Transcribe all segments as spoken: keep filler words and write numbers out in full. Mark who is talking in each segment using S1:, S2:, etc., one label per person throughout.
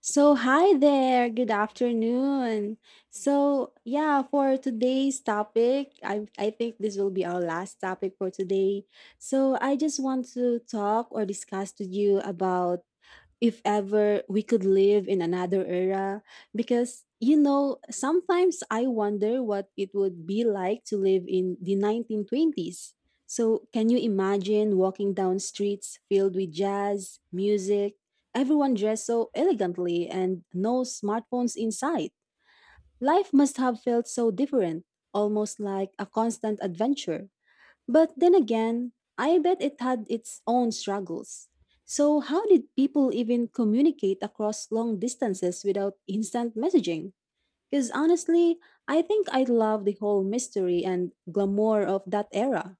S1: So, hi there. Good afternoon. So, yeah, for today's topic, I I think this will be our last topic for today. So, I just want to talk or discuss to you about if ever we could live in another era because you know sometimes I wonder what it would be like to live in the nineteen twenties. So, can you imagine walking down streets filled with jazz music, everyone dressed so elegantly and no smartphones in sight? Life must have felt so different, almost like a constant adventure. But then again, I bet it had its own struggles. So, how did people even communicate across long distances without instant messaging? Because honestly, I think I love the whole mystery and glamour of that era.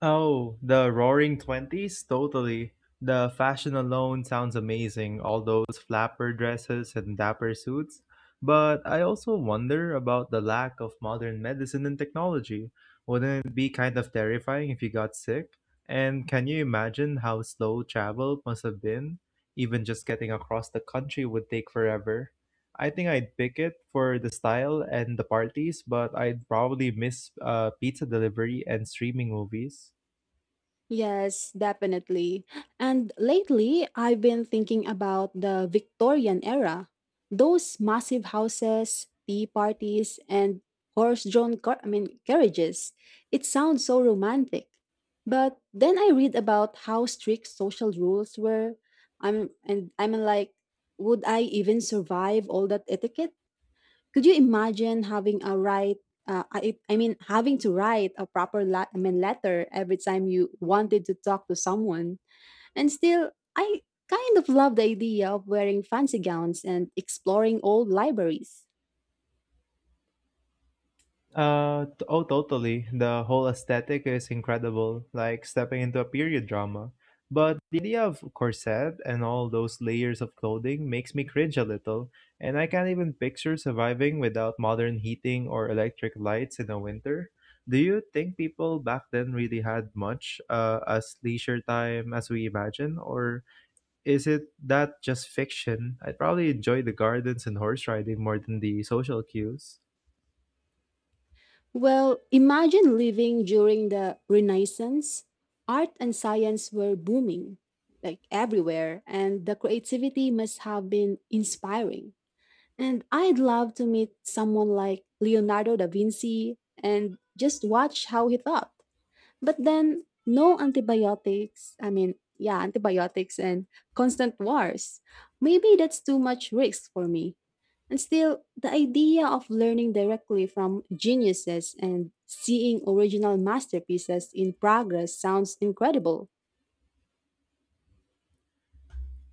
S2: Oh, the roaring twenties? Totally. The fashion alone sounds amazing, all those flapper dresses and dapper suits. But I also wonder about the lack of modern medicine and technology. Wouldn't it be kind of terrifying if you got sick? And can you imagine how slow travel must have been? Even just getting across the country would take forever. I think I'd pick it for the style and the parties, but I'd probably miss uh, pizza delivery and streaming movies.
S1: Yes, definitely. And lately, I've been thinking about the Victorian era. Those massive houses, tea parties, and horse-drawn car- I mean, carriages. It sounds so romantic. But then I read about how strict social rules were. I'm and I'm like, would I even survive all that etiquette? Could you imagine having a write uh, I, I mean having to write a proper la- I mean, letter every time you wanted to talk to someone? And still, I kind of love the idea of wearing fancy gowns and exploring old libraries.
S2: Uh, t- oh, totally. The whole aesthetic is incredible, like stepping into a period drama. But the idea of corset and all those layers of clothing makes me cringe a little, and I can't even picture surviving without modern heating or electric lights in the winter. Do you think people back then really had much uh, as leisure time as we imagine, or is it that just fiction? I'd probably enjoy the gardens and horse riding more than the social cues.
S1: Well, imagine living during the Renaissance. Art and science were booming like everywhere, and the creativity must have been inspiring. And I'd love to meet someone like Leonardo da Vinci and just watch how he thought. But then, no antibiotics. I mean, yeah, antibiotics and constant wars. Maybe that's too much risk for me. And still, the idea of learning directly from geniuses and seeing original masterpieces in progress sounds incredible.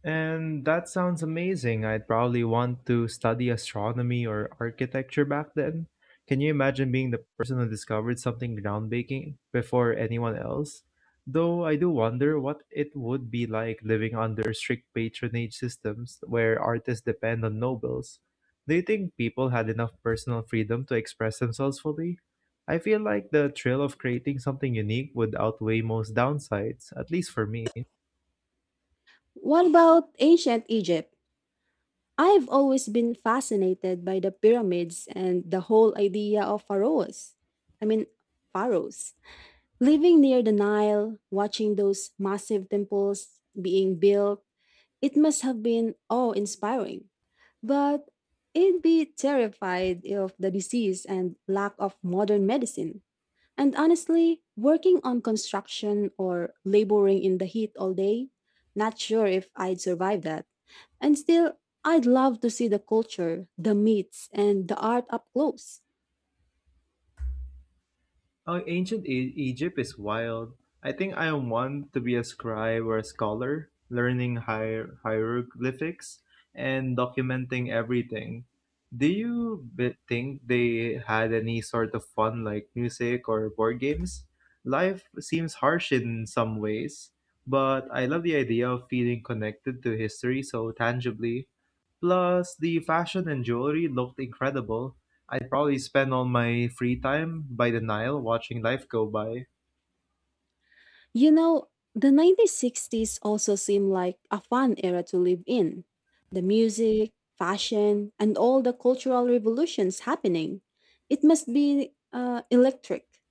S2: And that sounds amazing. I'd probably want to study astronomy or architecture back then. Can you imagine being the person who discovered something groundbreaking before anyone else? Though I do wonder what it would be like living under strict patronage systems where artists depend on nobles. Do you think people had enough personal freedom to express themselves fully? I feel like the thrill of creating something unique would outweigh most downsides, at least for me.
S1: What about ancient Egypt? I've always been fascinated by the pyramids and the whole idea of pharaohs. I mean, pharaohs. Living near the Nile, watching those massive temples being built, it must have been awe inspiring. But I'd be terrified of the disease and lack of modern medicine. And honestly, working on construction or laboring in the heat all day, not sure if I'd survive that. And still, I'd love to see the culture, the myths, and the art up close.
S2: Oh, ancient e- Egypt is wild. I think I want to be a scribe or a scholar, learning hier- hieroglyphics and documenting everything. Do you be- think they had any sort of fun like music or board games? Life seems harsh in some ways, but I love the idea of feeling connected to history so tangibly. Plus, the fashion and jewelry looked incredible. I'd probably spend all my free time by the Nile watching life go by.
S1: You know, the nineteen sixties also seemed like a fun era to live in. The music, fashion, and all the cultural revolutions happening. It must be uh, electric,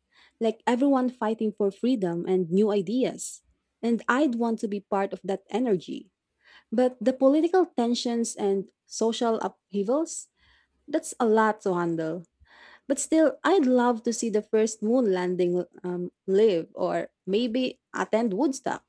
S1: like everyone fighting for freedom and new ideas. And I'd want to be part of that energy. But the political tensions and social upheavals, that's a lot to handle. But still, I'd love to see the first moon landing um, live or maybe attend Woodstock.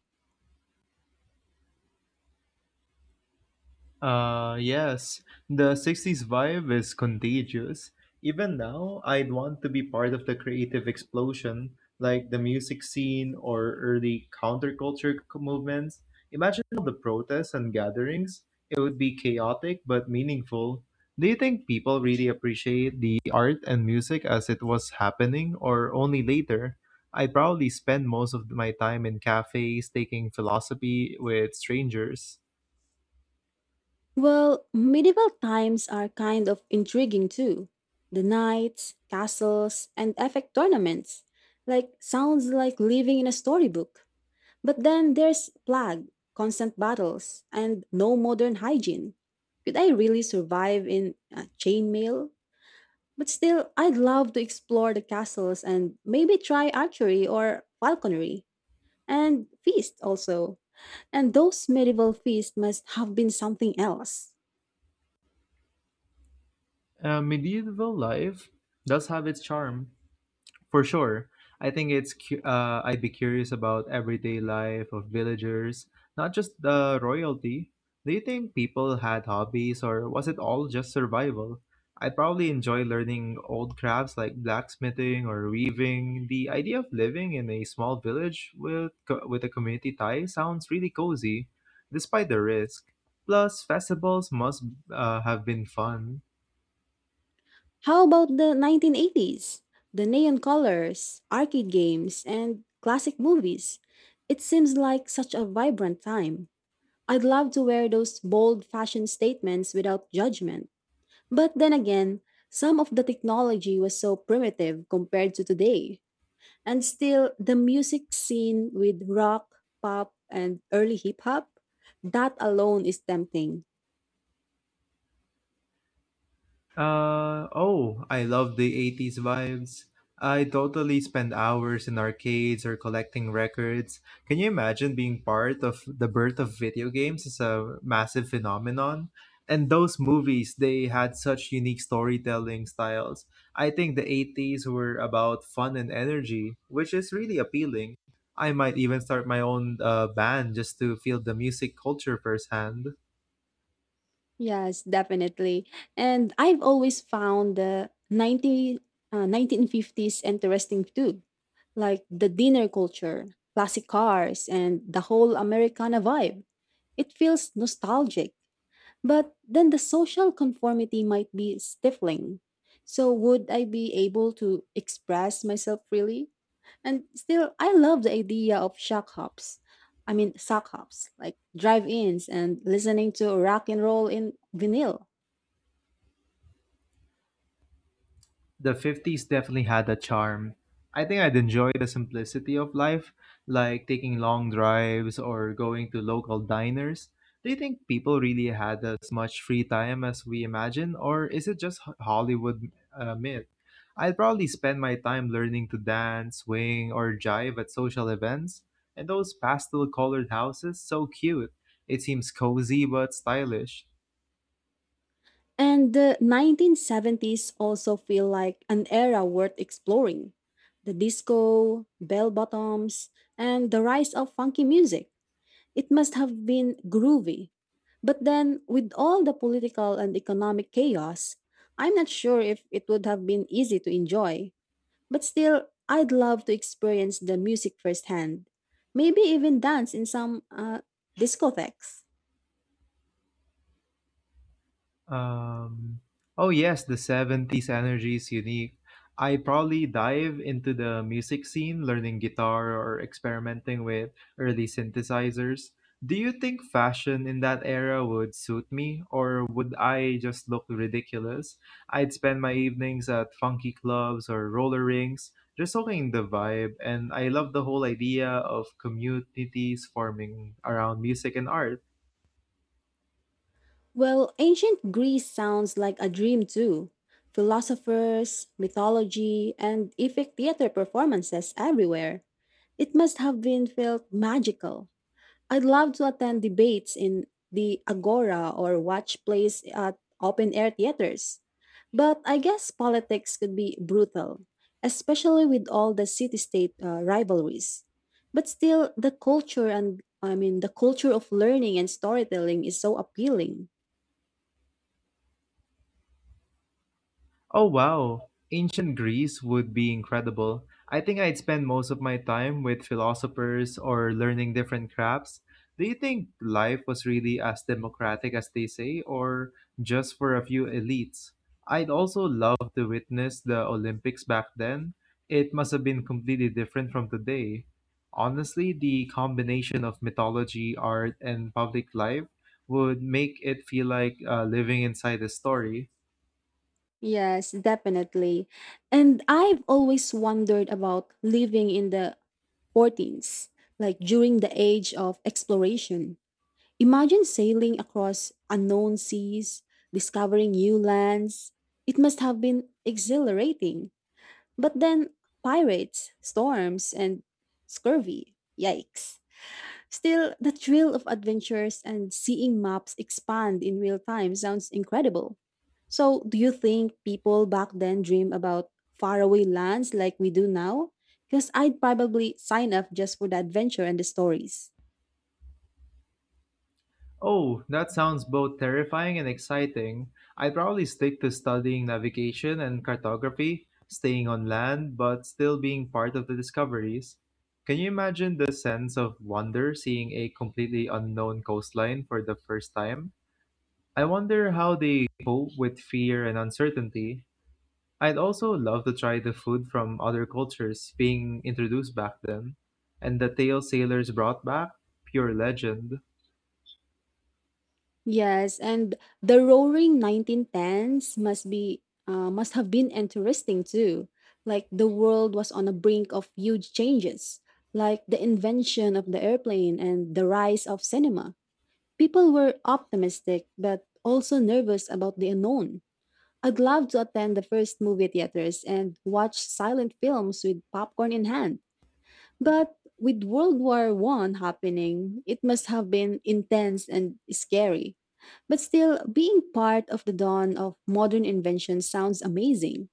S2: Uh, yes, the sixties vibe is contagious. Even now, I'd want to be part of the creative explosion, like the music scene or early counterculture c- movements. Imagine all the protests and gatherings. It would be chaotic but meaningful. Do you think people really appreciate the art and music as it was happening, or only later? I'd probably spend most of my time in cafes taking philosophy with strangers.
S1: Well, medieval times are kind of intriguing too. The knights, castles, and epic tournaments. Like, sounds like living in a storybook. But then there's plague, constant battles, and no modern hygiene. Could I really survive in uh, chainmail? But still, I'd love to explore the castles and maybe try archery or falconry. And feast also. And those medieval feasts must have been something else.
S2: Uh, medieval life does have its charm, for sure. I think it's cu- uh, I'd be curious about everyday life of villagers, not just the royalty. Do you think people had hobbies, or was it all just survival? I'd probably enjoy learning old crafts like blacksmithing or weaving. The idea of living in a small village with co- with a community tie sounds really cozy, despite the risk. Plus, festivals must uh, have been fun.
S1: How about the nineteen eighties? The neon colors, arcade games, and classic movies. It seems like such a vibrant time. I'd love to wear those bold fashion statements without judgment. But then again, some of the technology was so primitive compared to today. And still, the music scene with rock, pop, and early hip hop, that alone is tempting.
S2: Uh oh, I love the eighties vibes. I totally spend hours in arcades or collecting records. Can you imagine being part of the birth of video games as a massive phenomenon? And those movies, they had such unique storytelling styles. I think the eighties were about fun and energy, which is really appealing. I might even start my own uh, band just to feel the music culture firsthand.
S1: Yes, definitely. And I've always found the ninety, uh, nineteen fifties interesting too, like the dinner culture, classic cars, and the whole Americana vibe. It feels nostalgic. But then the social conformity might be stifling. So, would I be able to express myself freely? And still, I love the idea of shock hops. I mean, sock hops, like drive ins and listening to rock and roll in vinyl.
S2: The fifties definitely had a charm. I think I'd enjoy the simplicity of life, like taking long drives or going to local diners. Do you think people really had as much free time as we imagine, or is it just Ho- Hollywood uh, myth? I'd probably spend my time learning to dance, swing, or jive at social events. And those pastel colored houses, so cute. It seems cozy but stylish.
S1: And the nineteen seventies also feel like an era worth exploring. The disco, bell bottoms, and the rise of funky music. It must have been groovy. But then, with all the political and economic chaos, I'm not sure if it would have been easy to enjoy. But still, I'd love to experience the music firsthand. Maybe even dance in some uh, discotheques.
S2: Um, oh yes, the seventies energy is unique. I probably dive into the music scene, learning guitar or experimenting with early synthesizers. Do you think fashion in that era would suit me, or would I just look ridiculous? I'd spend my evenings at funky clubs or roller rinks, just soaking in the vibe, and I love the whole idea of communities forming around music and art.
S1: Well, ancient Greece sounds like a dream too. Philosophers, mythology, and epic theater performances everywhere. It must have been felt magical. I'd love to attend debates in the Agora or watch plays at open air theaters. But I guess politics could be brutal, especially with all the city state uh, rivalries. But still, the culture and I mean, the culture of learning and storytelling is so appealing.
S2: Oh wow, ancient Greece would be incredible. I think I'd spend most of my time with philosophers or learning different crafts. Do you think life was really as democratic as they say, or just for a few elites? I'd also love to witness the Olympics back then. It must have been completely different from today. Honestly, the combination of mythology, art, and public life would make it feel like uh, living inside a story.
S1: Yes, definitely. And I've always wondered about living in the fourteens, like during the age of exploration. Imagine sailing across unknown seas, discovering new lands. It must have been exhilarating. But then, pirates, storms, and scurvy. Yikes. Still, the thrill of adventures and seeing maps expand in real time sounds incredible. So, do you think people back then dream about faraway lands like we do now? Because I'd probably sign up just for the adventure and the stories.
S2: Oh, that sounds both terrifying and exciting. I'd probably stick to studying navigation and cartography, staying on land, but still being part of the discoveries. Can you imagine the sense of wonder seeing a completely unknown coastline for the first time? I wonder how they cope with fear and uncertainty. I'd also love to try the food from other cultures being introduced back then, and the tale sailors brought back, pure legend.
S1: Yes, and the roaring nineteen tens must be uh, must have been interesting too. Like the world was on the brink of huge changes, like the invention of the airplane and the rise of cinema. People were optimistic but also nervous about the unknown. I'd love to attend the first movie theaters and watch silent films with popcorn in hand. But with World War One happening, it must have been intense and scary. But still, being part of the dawn of modern invention sounds amazing.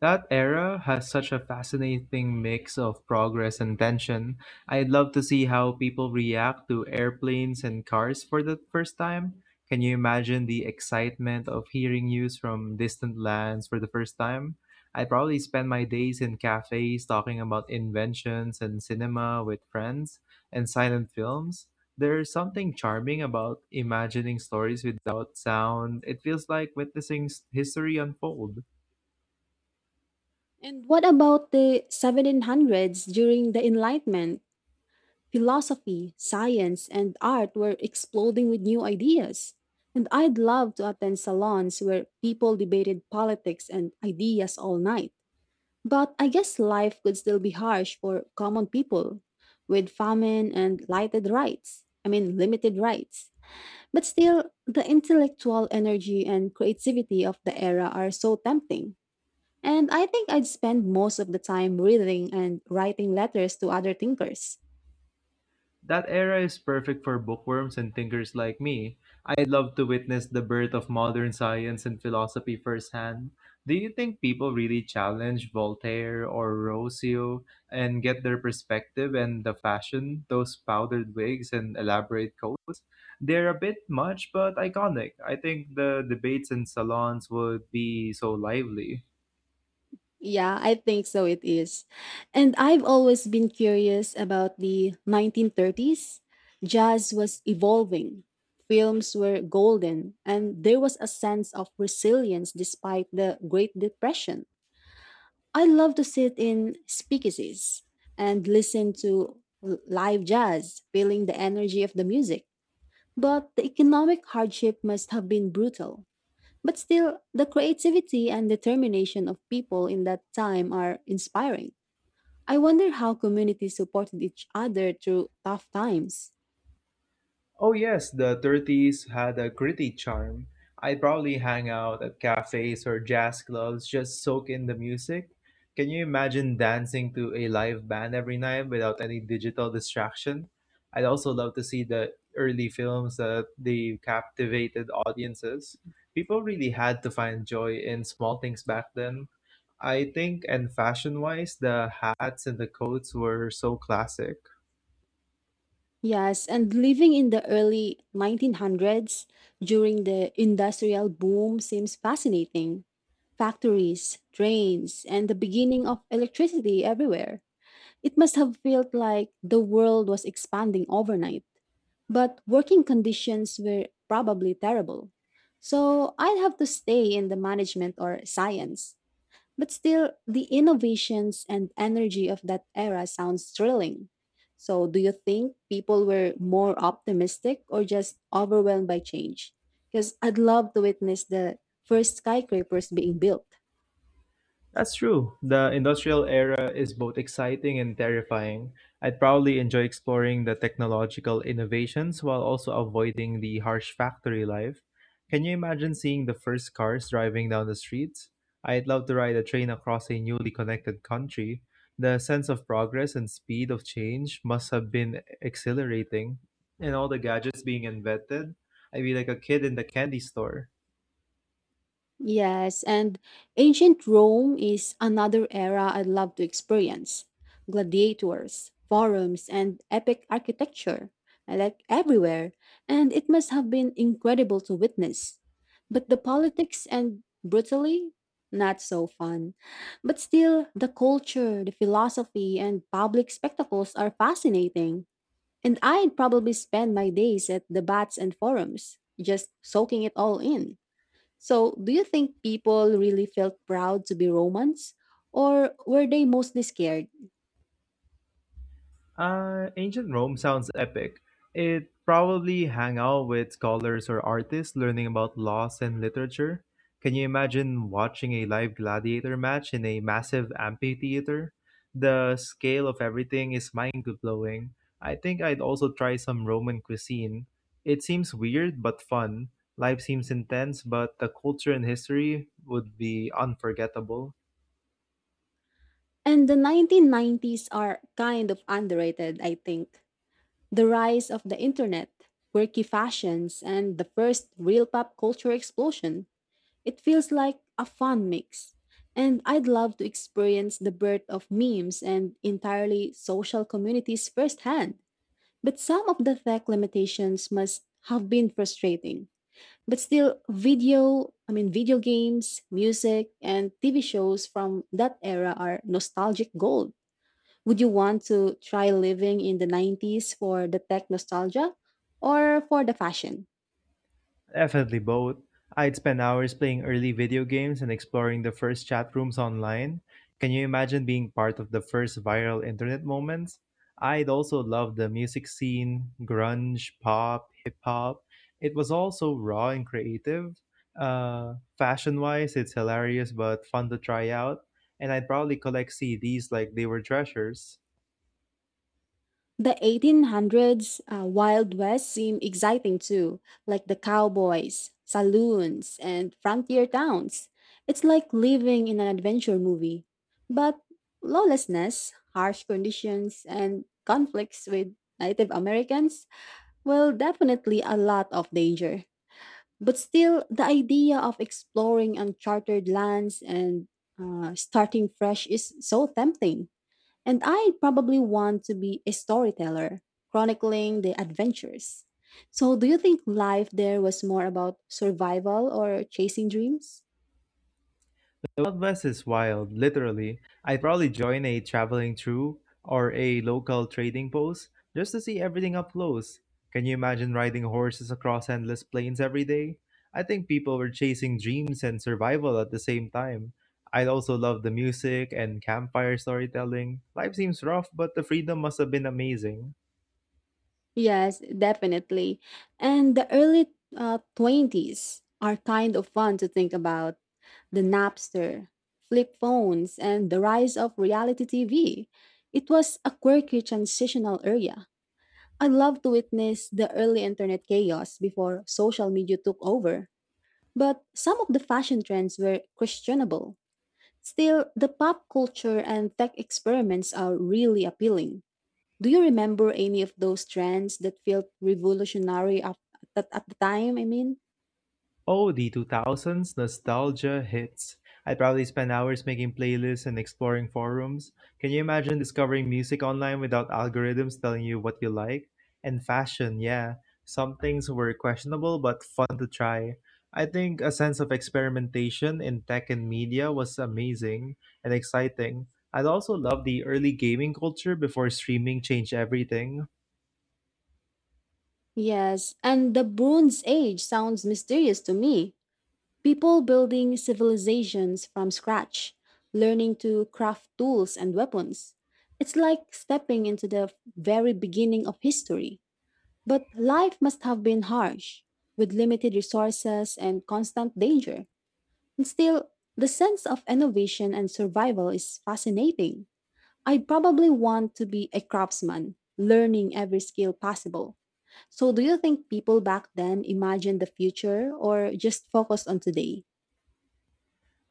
S2: That era has such a fascinating mix of progress and tension. I'd love to see how people react to airplanes and cars for the first time. Can you imagine the excitement of hearing news from distant lands for the first time? I'd probably spend my days in cafes talking about inventions and cinema with friends and silent films. There's something charming about imagining stories without sound. It feels like witnessing s- history unfold.
S1: And what about the seventeen hundreds during the Enlightenment? Philosophy, science, and art were exploding with new ideas. And I'd love to attend salons where people debated politics and ideas all night. But I guess life could still be harsh for common people with famine and lighted rights. I mean, limited rights. But still, the intellectual energy and creativity of the era are so tempting. And I think I'd spend most of the time reading and writing letters to other thinkers.
S2: That era is perfect for bookworms and thinkers like me. I'd love to witness the birth of modern science and philosophy firsthand. Do you think people really challenge Voltaire or Rossio and get their perspective and the fashion, those powdered wigs and elaborate coats? They're a bit much but iconic. I think the debates in salons would be so lively.
S1: Yeah, I think so it is. And I've always been curious about the nineteen thirties. Jazz was evolving, films were golden, and there was a sense of resilience despite the Great Depression. I love to sit in speakeasies and listen to l- live jazz, feeling the energy of the music. But the economic hardship must have been brutal. But still, the creativity and determination of people in that time are inspiring. I wonder how communities supported each other through tough times.
S2: Oh yes, the thirties had a gritty charm. I'd probably hang out at cafes or jazz clubs, just soak in the music. Can you imagine dancing to a live band every night without any digital distraction? I'd also love to see the early films that they captivated audiences. People really had to find joy in small things back then. I think, and fashion wise, the hats and the coats were so classic.
S1: Yes, and living in the early nineteen hundreds during the industrial boom seems fascinating. Factories, trains, and the beginning of electricity everywhere. It must have felt like the world was expanding overnight. But working conditions were probably terrible. So I'd have to stay in the management or science. But still, the innovations and energy of that era sounds thrilling. So, do you think people were more optimistic or just overwhelmed by change? Because I'd love to witness the first skyscrapers being built.
S2: That's true. The industrial era is both exciting and terrifying. I'd probably enjoy exploring the technological innovations while also avoiding the harsh factory life. Can you imagine seeing the first cars driving down the streets? I'd love to ride a train across a newly connected country. The sense of progress and speed of change must have been exhilarating. And all the gadgets being invented, I'd be like a kid in the candy store.
S1: Yes, and ancient Rome is another era I'd love to experience. Gladiators, forums, and epic architecture, I like everywhere, and it must have been incredible to witness. But the politics and brutally, not so fun. But still, the culture, the philosophy, and public spectacles are fascinating. And I'd probably spend my days at debates and forums, just soaking it all in. So, do you think people really felt proud to be Romans? Or were they mostly scared?
S2: Uh, ancient Rome sounds epic. It probably hang out with scholars or artists learning about laws and literature. Can you imagine watching a live gladiator match in a massive amphitheater? The scale of everything is mind-blowing. I think I'd also try some Roman cuisine. It seems weird but fun. Life seems intense, but the culture and history would be unforgettable.
S1: And the nineteen nineties are kind of underrated, I think. The rise of the internet, quirky fashions, and the first real pop culture explosion. It feels like a fun mix. And I'd love to experience the birth of memes and entirely social communities firsthand. But some of the tech limitations must have been frustrating. But still, video, I mean, video games, music, and T V shows from that era are nostalgic gold. Would you want to try living in the nineties for the tech nostalgia or for the fashion?
S2: Definitely both. I'd spend hours playing early video games and exploring the first chat rooms online. Can you imagine being part of the first viral internet moments? I'd also love the music scene, grunge, pop, hip hop. It was all so raw and creative. Uh, fashion wise, it's hilarious but fun to try out. And I'd probably collect C Ds like they were treasures.
S1: The eighteen hundreds uh, Wild West seem exciting too, like the cowboys, saloons, and frontier towns. It's like living in an adventure movie. But lawlessness, harsh conditions, and conflicts with Native Americans, well, definitely a lot of danger. But still, the idea of exploring uncharted lands and uh, starting fresh is so tempting. And I probably want to be a storyteller, chronicling the adventures. So, do you think life there was more about survival or chasing dreams?
S2: The Wild West is wild, literally. I'd probably join a traveling troupe or a local trading post just to see everything up close. Can you imagine riding horses across endless plains every day? I think people were chasing dreams and survival at the same time. I'd also love the music and campfire storytelling. Life seems rough, but the freedom must have been amazing.
S1: Yes, definitely. And the early uh, twenties are kind of fun to think about the Napster, flip phones, and the rise of reality T V. It was a quirky transitional area. I love to witness the early internet chaos before social media took over. But some of the fashion trends were questionable. Still, the pop culture and tech experiments are really appealing. Do you remember any of those trends that felt revolutionary at, at, at the time? I mean,
S2: Oh, the two thousands nostalgia hits. I probably spent hours making playlists and exploring forums. Can you imagine discovering music online without algorithms telling you what you like? And fashion, yeah. Some things were questionable but fun to try. I think a sense of experimentation in tech and media was amazing and exciting. I'd also love the early gaming culture before streaming changed everything.
S1: yes, and the Bronze Age sounds mysterious to me. People building civilizations from scratch, learning to craft tools and weapons. It's like stepping into the very beginning of history. But life must have been harsh, with limited resources and constant danger. And still, the sense of innovation and survival is fascinating. I'd probably want to be a craftsman, learning every skill possible. So, do you think people back then imagined the future or just focused on today?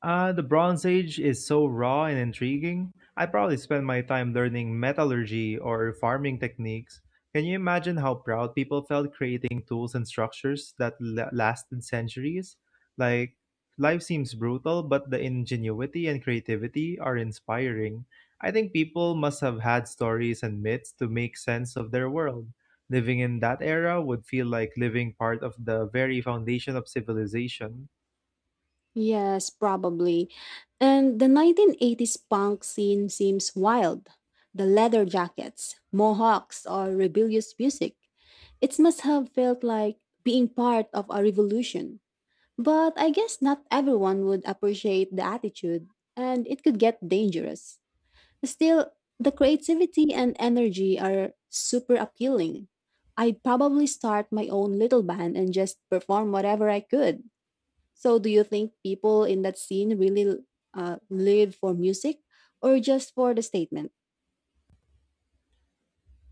S2: Uh, the Bronze Age is so raw and intriguing. I probably spent my time learning metallurgy or farming techniques. Can you imagine how proud people felt creating tools and structures that la- lasted centuries? Like, life seems brutal, but the ingenuity and creativity are inspiring. I think people must have had stories and myths to make sense of their world. Living in that era would feel like living part of the very foundation of civilization.
S1: Yes, probably. And the nineteen eighties punk scene seems wild. The leather jackets, mohawks, or rebellious music. It must have felt like being part of a revolution. But I guess not everyone would appreciate the attitude, and it could get dangerous. Still, the creativity and energy are super appealing. I'd probably start my own little band and just perform whatever I could. So, do you think people in that scene really uh, live for music or just for the statement?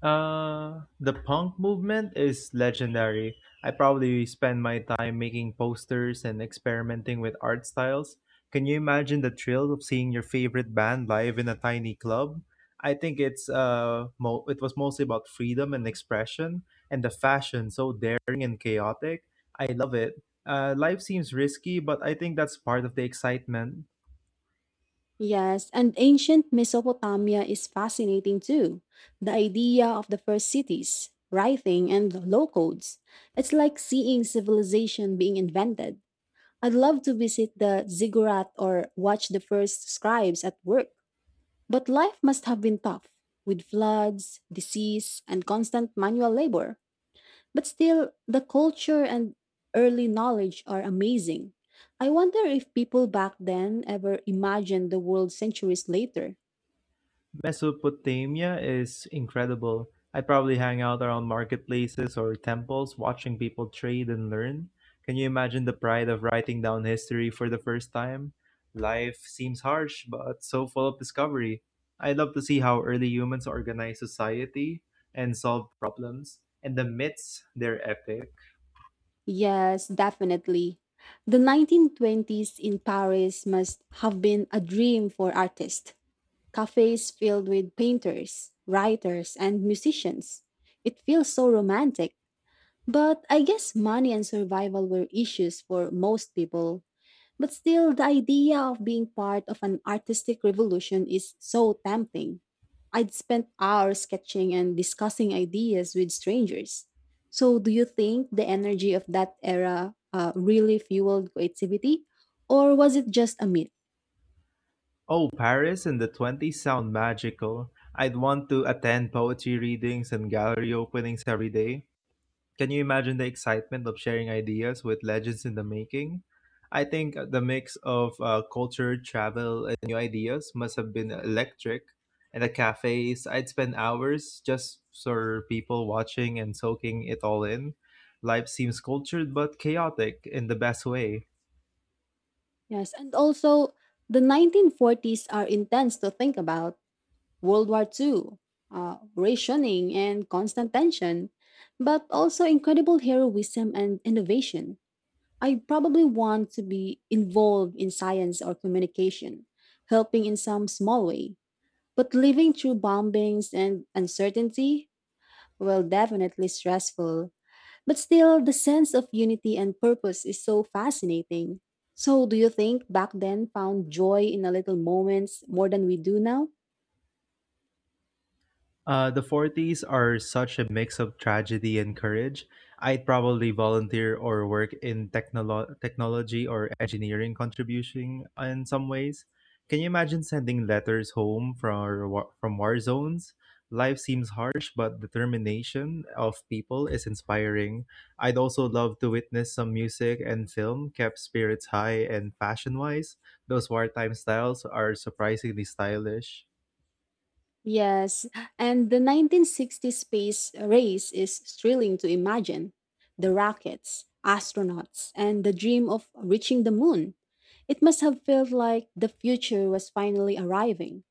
S2: Uh, the punk movement is legendary. I probably spend my time making posters and experimenting with art styles. Can you imagine the thrill of seeing your favorite band live in a tiny club? I think it's uh, mo- It was mostly about freedom and expression, and the fashion so daring and chaotic. I love it. Uh, life seems risky, but I think that's part of the excitement.
S1: Yes, and ancient Mesopotamia is fascinating too. The idea of the first cities, writing, and low codes. It's like seeing civilization being invented. I'd love to visit the ziggurat or watch the first scribes at work. But life must have been tough, with floods, disease, and constant manual labor. But still, the culture and early knowledge are amazing. I wonder if people back then ever imagined the world centuries later.
S2: Mesopotamia is incredible. I probably hang out around marketplaces or temples watching people trade and learn. Can you imagine the pride of writing down history for the first time? Life seems harsh, but so full of discovery. I'd love to see how early humans organized society and solved problems, and the myths, they're epic.
S1: Yes, definitely. The nineteen twenties in Paris must have been a dream for artists. Cafes filled with painters, writers, and musicians. It feels so romantic. But I guess money and survival were issues for most people. But still, the idea of being part of an artistic revolution is so tempting. I'd spent hours sketching and discussing ideas with strangers. So, do you think the energy of that era uh, really fueled creativity, or was it just a myth?
S2: Oh, Paris in the twenties sound magical. I'd want to attend poetry readings and gallery openings every day. Can you imagine the excitement of sharing ideas with legends in the making? I think the mix of uh, culture, travel, and new ideas must have been electric. In the cafes, I'd spend hours just for people watching and soaking it all in. Life seems cultured but chaotic in the best way.
S1: Yes, and also the nineteen forties are intense to think about World War Two, uh, rationing, and constant tension, but also incredible heroism and innovation. I probably want to be involved in science or communication, helping in some small way. But living through bombings and uncertainty, well, definitely stressful. But still, the sense of unity and purpose is so fascinating. So, do you think back then found joy in the little moments more than we do now?
S2: Uh, the forties are such a mix of tragedy and courage. I'd probably volunteer or work in technolo- technology or engineering contribution in some ways. Can you imagine sending letters home from, wa- from war zones? Life seems harsh, but determination of people is inspiring. I'd also love to witness some music and film kept spirits high and fashion wise. Those wartime styles are surprisingly stylish.
S1: Yes, and the nineteen sixties space race is thrilling to imagine. The rockets, astronauts, and the dream of reaching the moon. It must have felt like the future was finally arriving.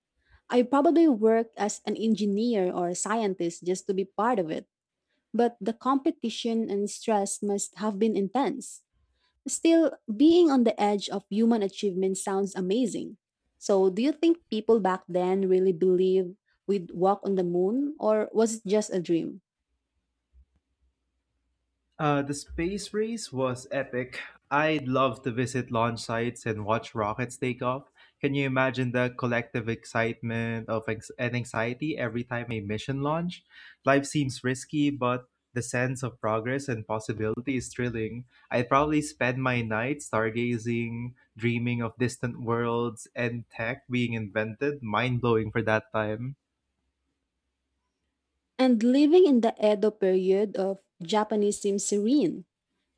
S1: I probably worked as an engineer or a scientist just to be part of it, but the competition and stress must have been intense. Still, being on the edge of human achievement sounds amazing. So, do you think people back then really believed we'd walk on the moon, or was it just a dream?
S2: Uh, the space race was epic. I'd love to visit launch sites and watch rockets take off. Can you imagine the collective excitement of ex- and anxiety every time a mission launch? Life seems risky, but the sense of progress and possibility is thrilling. I'd probably spend my night stargazing, dreaming of distant worlds and tech being invented. Mind blowing for that time.
S1: And living in the Edo period of Japanese seems serene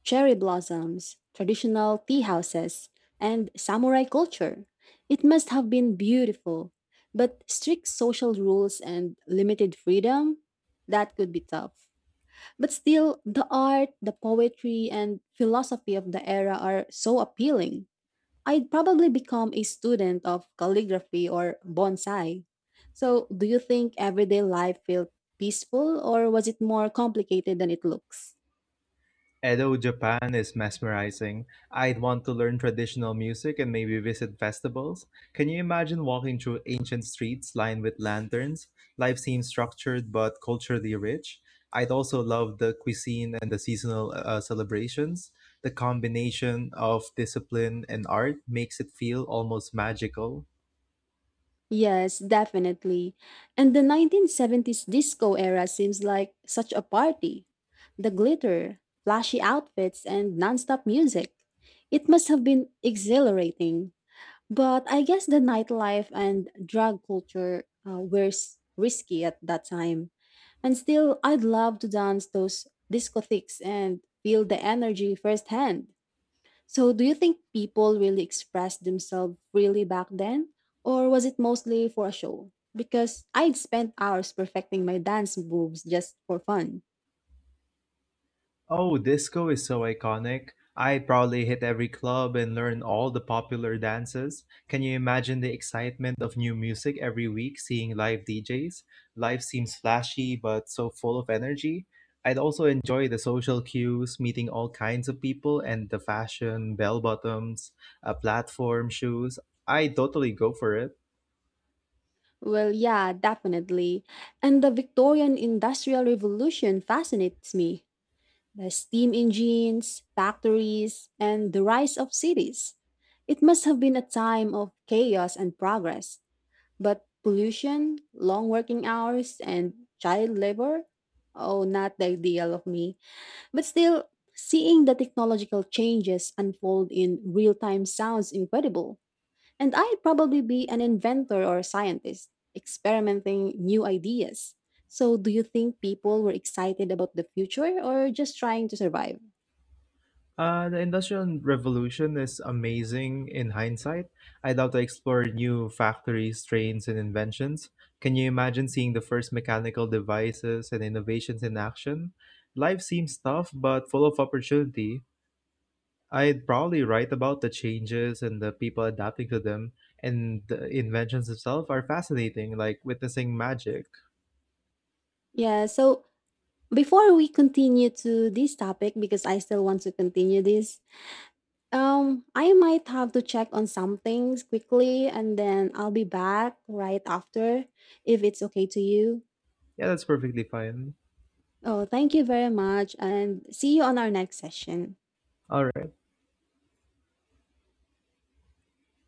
S1: cherry blossoms, traditional tea houses, and samurai culture. It must have been beautiful, but strict social rules and limited freedom? That could be tough. But still, the art, the poetry, and philosophy of the era are so appealing. I'd probably become a student of calligraphy or bonsai. So, do you think everyday life felt peaceful or was it more complicated than it looks?
S2: Edo, Japan is mesmerizing. I'd want to learn traditional music and maybe visit festivals. Can you imagine walking through ancient streets lined with lanterns? Life seems structured but culturally rich. I'd also love the cuisine and the seasonal uh, uh, celebrations. The combination of discipline and art makes it feel almost magical.
S1: Yes, definitely. And the nineteen seventies disco era seems like such a party. The glitter, flashy outfits, and nonstop music. It must have been exhilarating. But I guess the nightlife and drug culture uh, were s- risky at that time. And still, I'd love to dance those discotheques and feel the energy firsthand. So, do you think people really expressed themselves freely back then? Or was it mostly for a show? Because I'd spent hours perfecting my dance moves just for fun.
S2: Oh, disco is so iconic. I probably hit every club and learned all the popular dances. Can you imagine the excitement of new music every week seeing live D Js? Life seems flashy but so full of energy. I'd also enjoy the social cues, meeting all kinds of people, and the fashion, bell bottoms, uh, platform shoes. I totally go for it.
S1: Well, yeah, definitely. And the Victorian Industrial Revolution fascinates me the steam engines, factories, and the rise of cities. It must have been a time of chaos and progress, but pollution, long working hours, and child labor oh, not the ideal of me. But still, seeing the technological changes unfold in real time sounds incredible. And I'd probably be an inventor or a scientist, experimenting new ideas. So, do you think people were excited about the future or just trying to survive?
S2: Uh, the Industrial Revolution is amazing in hindsight. I'd love to explore new factories, trains, and inventions. Can you imagine seeing the first mechanical devices and innovations in action? Life seems tough, but full of opportunity. I'd probably write about the changes and the people adapting to them, and the inventions themselves are fascinating, like witnessing magic.
S1: Yeah, so before we continue to this topic, because I still want to continue this, um, I might have to check on some things quickly and then I'll be back right after if it's okay to you.
S2: Yeah, that's perfectly fine.
S1: Oh, thank you very much and see you on our next session.
S2: All right.